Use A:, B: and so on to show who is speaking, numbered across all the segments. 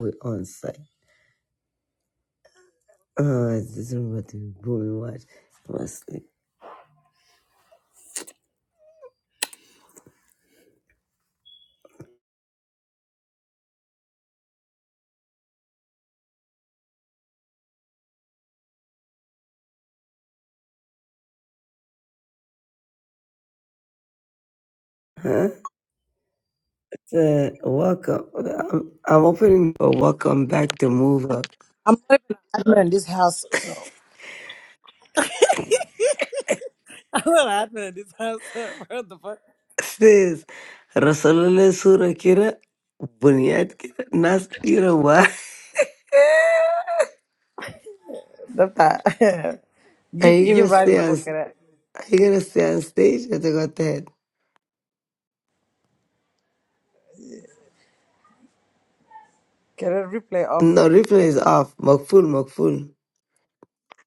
A: We're on site. Uh, this is what the boom watch must be. Huh? So, welcome. I'm, I'm opening for welcome back to move up.
B: I'm not even an admin in this house, so I'm not admin in this house. What the fuck?
A: Says Rasulullah Surah Kira Bunyad Kira Nas Kira why?
B: that
A: Are
B: you
A: you
B: you
A: gonna stay
B: Riley
A: on
B: for get it
A: are you gonna stay on stage? I think what the head.
B: get a replay off.
A: No replay is off. مقفول مقفول.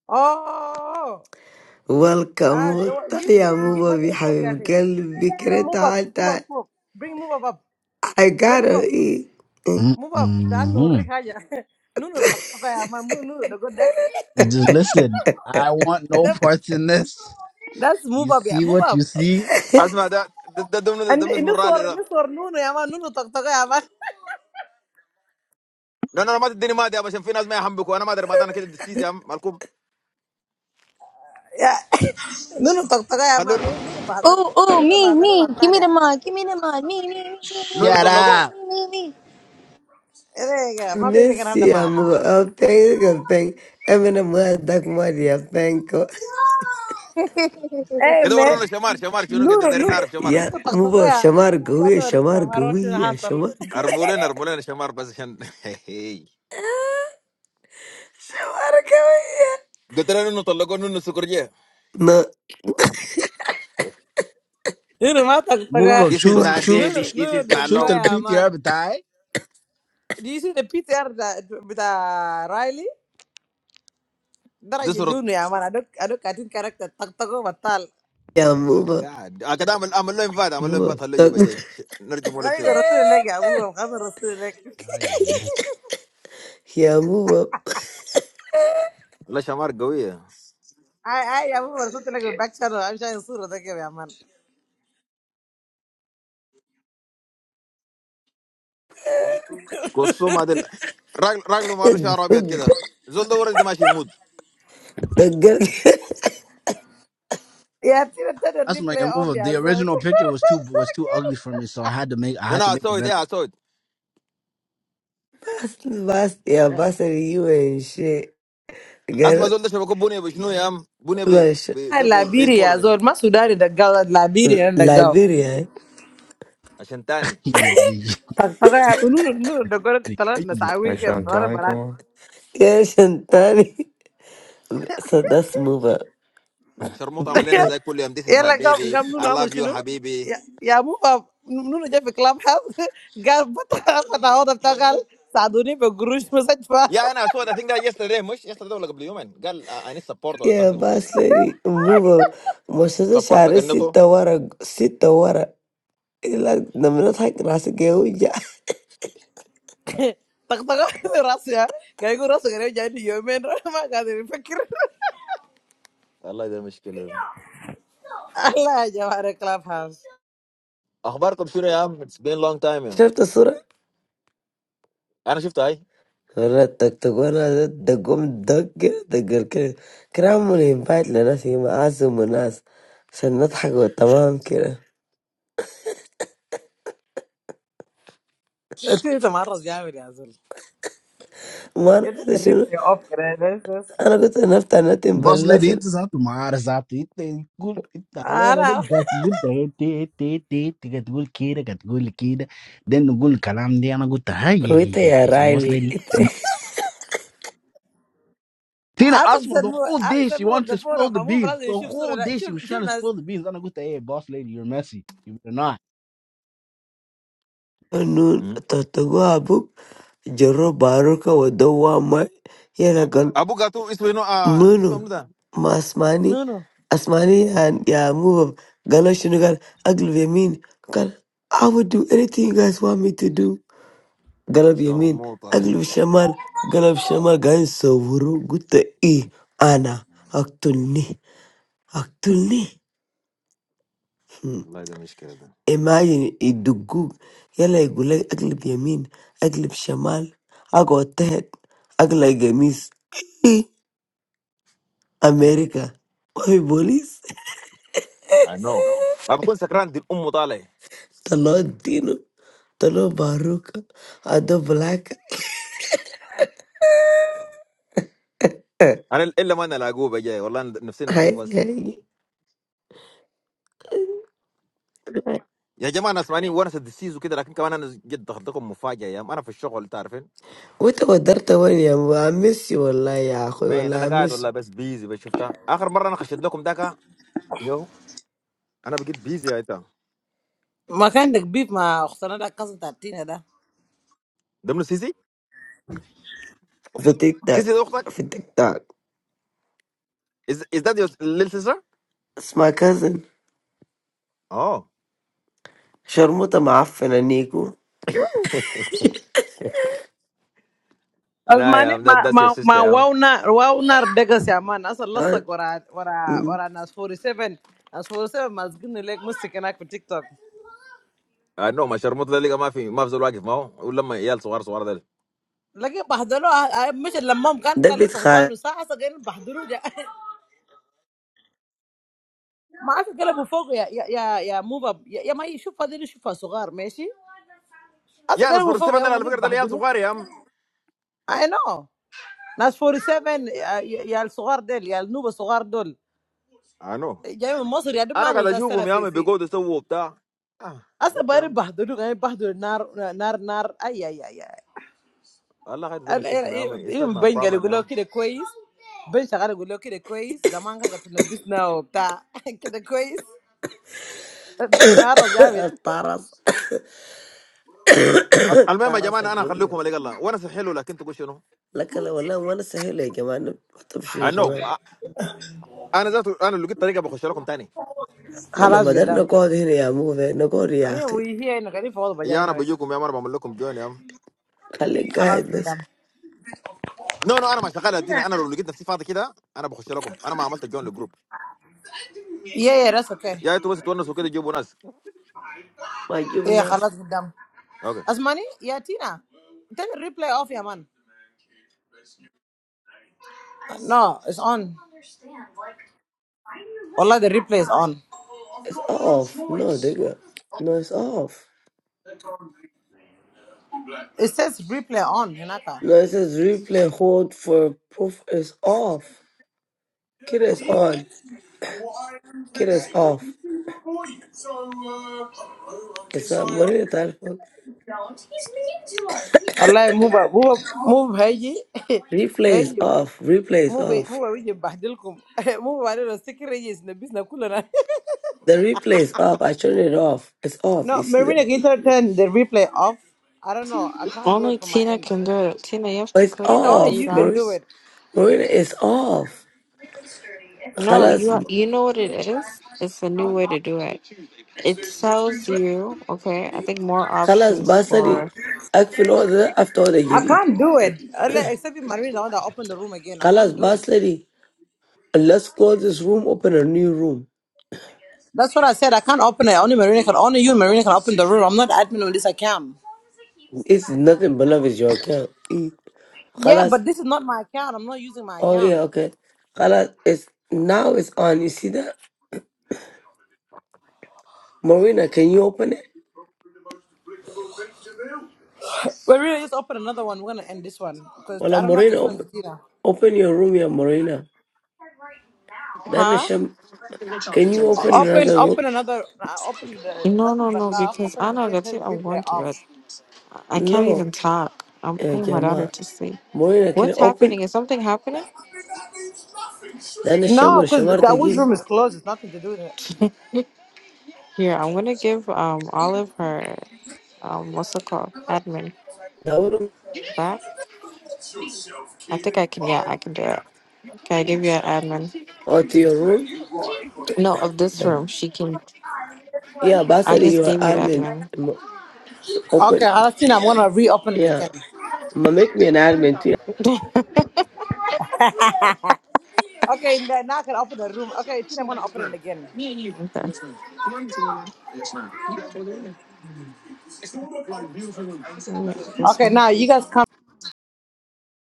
B: Oh,
A: welcome.
B: ah, don't,
A: وطيب
B: give
A: يا
B: give give back
A: موبا
B: the phone, get
A: بحبيب
B: it.
A: قلبي كده
B: Give move up,
A: تعال
B: give move up,
A: تعال.
B: move. bring move up up.
A: I
B: Ale move
A: gotta
B: up,
A: eat.
B: move up. That no
C: Mm-hmm.
B: ring haja. No no tak tak ya, man. No no the good deck.
C: Just listen. I want no
B: That
C: parts in this.
B: that's
C: You
B: move up yeah,
C: see
B: move
C: what you
B: up.
C: see?
D: اسمع ده ده ده ده, ده,
B: And
D: ده,
B: in
D: اسمه
B: this
D: الرالي
B: war, in
D: ده
B: this war, no no ya man, no no tak tak ya man.
D: لان انا ما تديني مادي عشان في ناس ما يحنبكوا انا ما ادري مادي انا كده دسيس يا عم مالكم
B: Yeah, no no talk talker, man,
D: خلونا
B: no no bother,
E: Ooh, ooh,
B: no
E: me,
B: bother, no
E: me.
B: matter,
E: Give me
B: leh.
E: the mod. Give me the mod. Me, me, me, me,
D: نور
C: Shut
D: طلقوه
C: up.
E: me, me, me.
B: Eh, leh, my baby can have the
A: Nesse
B: man.
A: amor, eu tenho que eu tenho. É minha mãe da Maria Penco.
E: me.
B: Hey
D: كده ورونا
B: man,
D: شمار شمار شنو
B: no
D: كده
B: no
D: دارين
B: no
D: نعرف شمار
A: Já me
B: talk
A: vou
B: talker,
A: chamar
B: man,
A: Gouia,
B: no risk,
A: chamar
B: man, no such
A: Gouia,
B: hassle.
A: chamar Gouia.
D: ارموا لنا ارموا لنا شمار بس عشان
A: Chamar Gouia.
D: قلت لنا انه طلقوه انه سكرجيه
A: Não,
B: No matter talk
C: Move
B: talker,
C: up.
D: دي سيز
C: شوف شوف
B: no no the
C: شوف the
B: guy,
C: PTR
B: man.
C: بتاعي.
B: Do you see the P T R that with the Riley? That
D: دي
B: I do
D: سرط
B: no, man. I don't I don't get in character talk talker, matter.
A: já me vou.
D: قاعد آه، كده اعمل اعمل له انفاد اعمل له
A: Vou,
D: انفاد خليه
A: tô
D: يجي
A: com.
D: جاي ش- نرجمه لك
B: I don't
D: شويه
B: rustle like you, I don't rustle
C: Ay, ay, ay.
B: like.
A: Já me vou.
D: والله شمار قويه
B: I, I am over something like a back channel. I'm trying to sort of like a man.
D: كلثوم هذا راجل راجل راجله ما له شعر ابيض
A: Dugo.
D: كده زول ده ورد ماشي يموت
A: Dugo.
B: Yeah, tira tira
C: That's my
B: replay
C: move
B: off
C: up.
B: ya
C: The
B: zone.
C: original picture was too was too ugly for me, so I had to make I had to
D: انا
C: make a
D: اسود
C: better.
D: ايه
A: Basta, já
D: اسود
A: basta de eu encher.
D: اسمع
A: Gar,
D: زول ده شبكه بني بشنو يا عم بني ب...
A: lanche.
D: ب... ده ب... بيسبول
B: Liberia
D: ولا شنو
B: zone. Ma Sudani the girl, Liberia and the girl.
A: Liberia.
D: عشان تاني
B: Paka unu unu the girl
C: Ay,
B: tala
C: ay,
A: Hey,
B: nasawi ke
C: ay.
B: tala
A: Shantani, come
B: barat.
A: on. Yeah, Shantani. So that's move up.
D: شرموط عمل
A: Move
D: لنا
A: up.
D: زي كل يوم this is
B: Yeah,
D: my
B: like gam
D: baby
B: gam nu
D: I
B: na
D: love you
B: mushinu.
D: حبيبي
B: Yeah, yeah, mu pa nu nu jefe club house. Gal pata pata ho dapta gal saduni pe gurush masaj pa.
D: يا انا اسود I think that yesterday مش yesterday ولا قبل يومين قال I I need support or
A: Yeah,
D: something like that
A: boss lady, move up. Moshe
D: support
A: share
D: كنته
A: sita wara, sita wara. Ila namna thak rasa geu ya.
B: Tak tak rasya. Gal gurush gal jadi yomen rama gal fikir.
D: والله ده مشكلة ده
B: Ala Jawara Clubhouse.
D: اخباركم شنو يا عم it's been long time يا عم.
A: Shafta sura.
D: انا شفت هاي
A: Wala tak tak wana dagum dag gaya dagar kira. Kira mune invite lana si ma asu munas. عشان نضحك وتمام كده
B: This is tomorrow's game, really.
A: ما انا
B: Get
A: كنت
B: the beef
A: شنو
B: off, guys. Guys.
A: انا كنت نفتح نتن باللبشن
C: Brasileiritos atuar, exato. mar, exato, E tem galera do
B: Aha.
C: Gatgul, te, te, te, te, Gatgul, kira, Gatgul, kira. Dentro do Gul Kalam, de Ana Guta, ai, ai,
A: وانت
C: ai,
A: يا
C: ai,
A: رايلي
C: Brasileirito.
A: انت
C: Tina,
B: How the
C: asma, the
B: person move?
C: whole
B: How the
C: day she
B: person move off
C: wants to
B: the floor?
C: spill the
B: Move.
C: beans.
B: I'm
C: The
B: going to show you.
C: whole day she
B: Show,
C: was trying
B: show
C: to
B: us.
C: spill the beans. Ana Guta, hey, boss lady, you're messy. You're not.
A: Anun
D: مم.
A: tatagu abuk jaro baruka wadawa ma yana gal
D: ابو قاتو اسمه نو آه
A: munu
D: اسمه منو ده
A: ma asmani
B: No, no.
A: asmani and ya move up gala shinu gal aglub yamin gal I would do anything you guys want me to do galab yamin
D: شرموطة
A: aglub shamal galab shamal gan sawuru gutta i ana aktulni aktulni
D: والله ده مشكلة ده
A: Imagine a dog. He like go like aglip Yemen, aglip Shemal. I go out there. I go like miss
D: Yeah.
A: America. Oi police,
D: I know ما بكون سكران دي الام طالع
A: talad tino, talad baruka. I do black.
D: انا الا ما انا لاقوه بجاي والله أنا نفسي نشوفه
A: Hey
D: بس
A: hey.
D: يا جماعه انا اسمعني ونس الدسيس وكده لكن كمان انا جد دخلت لكم مفاجاه يا عم. انا في الشغل تعرفين
A: Oi, oda dar tawanyam. Oi miss, you allah ya. Oi
D: مين انا
A: allah
D: قاعد
A: miss.
D: ولا بس بيزي بس شفتها اخر مره انا خشيت لكم ذاك يو انا بقيت بيزي يا انت
B: I can't take beef. My accountant can't do that.
D: ضمن سيسي
A: Fittak tak.
D: سيسي ده اختك
A: Fittak tak.
D: از ذات يور ليل سيستر
A: Smack cousin.
D: اه
A: Sharmo tama affen aniko.
B: As
D: لا يا
B: many,
D: عم
B: my,
D: ذاتس يور
B: my, my
D: سيستر يا عم
B: wowner, wowner beggars your man. As a lost worker, worker,
A: Um.
B: worker, as forty-seven, as forty-seven, as giving the leg music and I put TikTok.
D: النوم الشرموط ده لقى ما في ما في زول واقف ما هو ولما عيال صغار صغار ده
B: Like Bahduru, I, I, I'm just lmmom can't call the
A: Debit khay.
B: Sahbanu. So I say Bahduru. I
D: يا ناس فلسطين ده على فكره ده عيال صغار يا عم
B: know. That's forty-seven. Yeah, yeah. The sun is up. The sun is
D: انو
B: up. I'm
D: انا
B: going
D: قاعد اشوفهم يا عم بيقعدوا يسووا بتاع آه، قلت يا
B: to
D: عم والله هذا ده مشكلتهم يا عم اتس نوت ماي
B: be
D: بروبلم يا عم
B: going to the quiz. I'm going to be going to the
A: Taras.
D: المهم يا
A: تعرى
D: جماعه
A: راسك
D: انا
A: قوية
D: هخليكم لقى الله وانا حلو لكن تقول شنو
A: لكن لو والله وانا سهلة يا جماعة أنا ما تمشي يا
D: نو
A: جماعة
D: انا ذات انا لو لقيت طريقه بخش لكم تاني
A: أنا ما قدرنا نقعد هنا يا مو نقعد يا أخي
D: يا انا
B: quiz.
D: بجيكم يا مره بعمل لكم جون يا عم
A: خليك
B: خلاص
A: قاعد بس
B: قدام
D: نو نو انا ما شغال الدين انا لو لقيت نفسي فاضي كده انا بخش لكم انا ما عملت جون للجروب
B: يا يا that's okay
D: يا انتوا بس تونسوا كده جيبوا ناس
A: ما تجيب
B: يا
A: الناس
B: خلاص قدام
D: اوكي
B: Asmani, yeah Tina, turn the replay off يا man? no it's on والله the replay is on
A: It's off no دقيقة no it's off
B: it says replay on هناك
A: no it says replay hold for proof is off كده is on كده is off it's a مريض تعرفون
B: والله مو ب... مو ب... مو بهيجي
A: replay is
B: هيجي
A: off replay is
B: مو ب...
A: off
B: مو بيجي ببهدلكم مو ببهدل السكر يجي يسنبسنا كلنا
A: the replay is off I turn it off it's off
B: no
A: you see that
B: Marina can you turn the replay off I don't know I can't do it
F: Only
B: from my
F: Tina
B: end
F: can do it. Tina, you have
A: oh,
F: to
A: it's
F: click
B: Tina
F: the
B: only
F: three
A: off
B: you can
A: Marie
B: do
F: dots.
B: it
A: Marina is off
F: No,
A: خلاص
F: you ha- you know what it is. It's a new way to do it. It tells you, okay. I think more
A: خلاص
F: options
A: باصلي
F: for,
A: اقفل الاوضه ده افتح اوضه
B: I
A: جديد
B: can't do it. Unless- Except if Marina is the one that opened the room again. I
A: خلاص
B: can't do it.
A: باصلي let's close this room open a new room
B: That's what I said. I can't open it. Only Marina can. Only you and Marina can open the room. I'm not admin on this account.
A: it's nothing but love is your account إيه.
B: Yeah,
A: خلاص
B: but this is not my account. I'm not using my
A: oh
B: account.
A: yeah okay خلاص it's now it's on you see that Marina can you open it
B: We're really just open another one. We're gonna end this one because
A: ولا
B: I don't know how to
A: Marina
B: explain
A: open
B: to Tina.
A: open your room يا Marina then
F: huh?
A: Sham can you open
B: Open,
A: another room
B: open another. Uh, open the
F: No,
B: nothing
F: no,
B: but
F: no.
B: love.
F: Because
B: Open
F: I
B: it
F: know
B: again.
F: that
B: Turn the
F: I
B: replay
F: want to,
B: off.
F: but I can't
A: no
F: even talk. I'm
A: يا
F: putting my daughter
A: جماعة
F: to sleep.
A: Marina can you
F: What's
A: open
F: happening? Is something happening?
A: then Sham
B: No, because
A: والشمار
B: that was
A: تقيل
B: room is closed. It's nothing to do with it.
F: Here, I'm gonna give um Olive her um what's it called? Admin
A: دورهم
F: back. I think I can. Yeah, I can do it. Okay, I give you an admin.
A: or to your room
F: No, of this
A: Yeah,
F: room, she can.
A: yeah, Boss
F: I
A: said
F: just
A: you are
F: gave you
A: admin.
F: admin.
A: M-
B: Okay,
A: Open.
B: I'll see. I'm gonna reopen it
A: Yeah.
B: again.
A: Ma- Make me an admin
F: okay.
B: Okay, n- now I can open the room. Okay, Tina, I'm gonna open it again.
F: Yeah, this
B: Okay,
F: one.
B: now you guys come.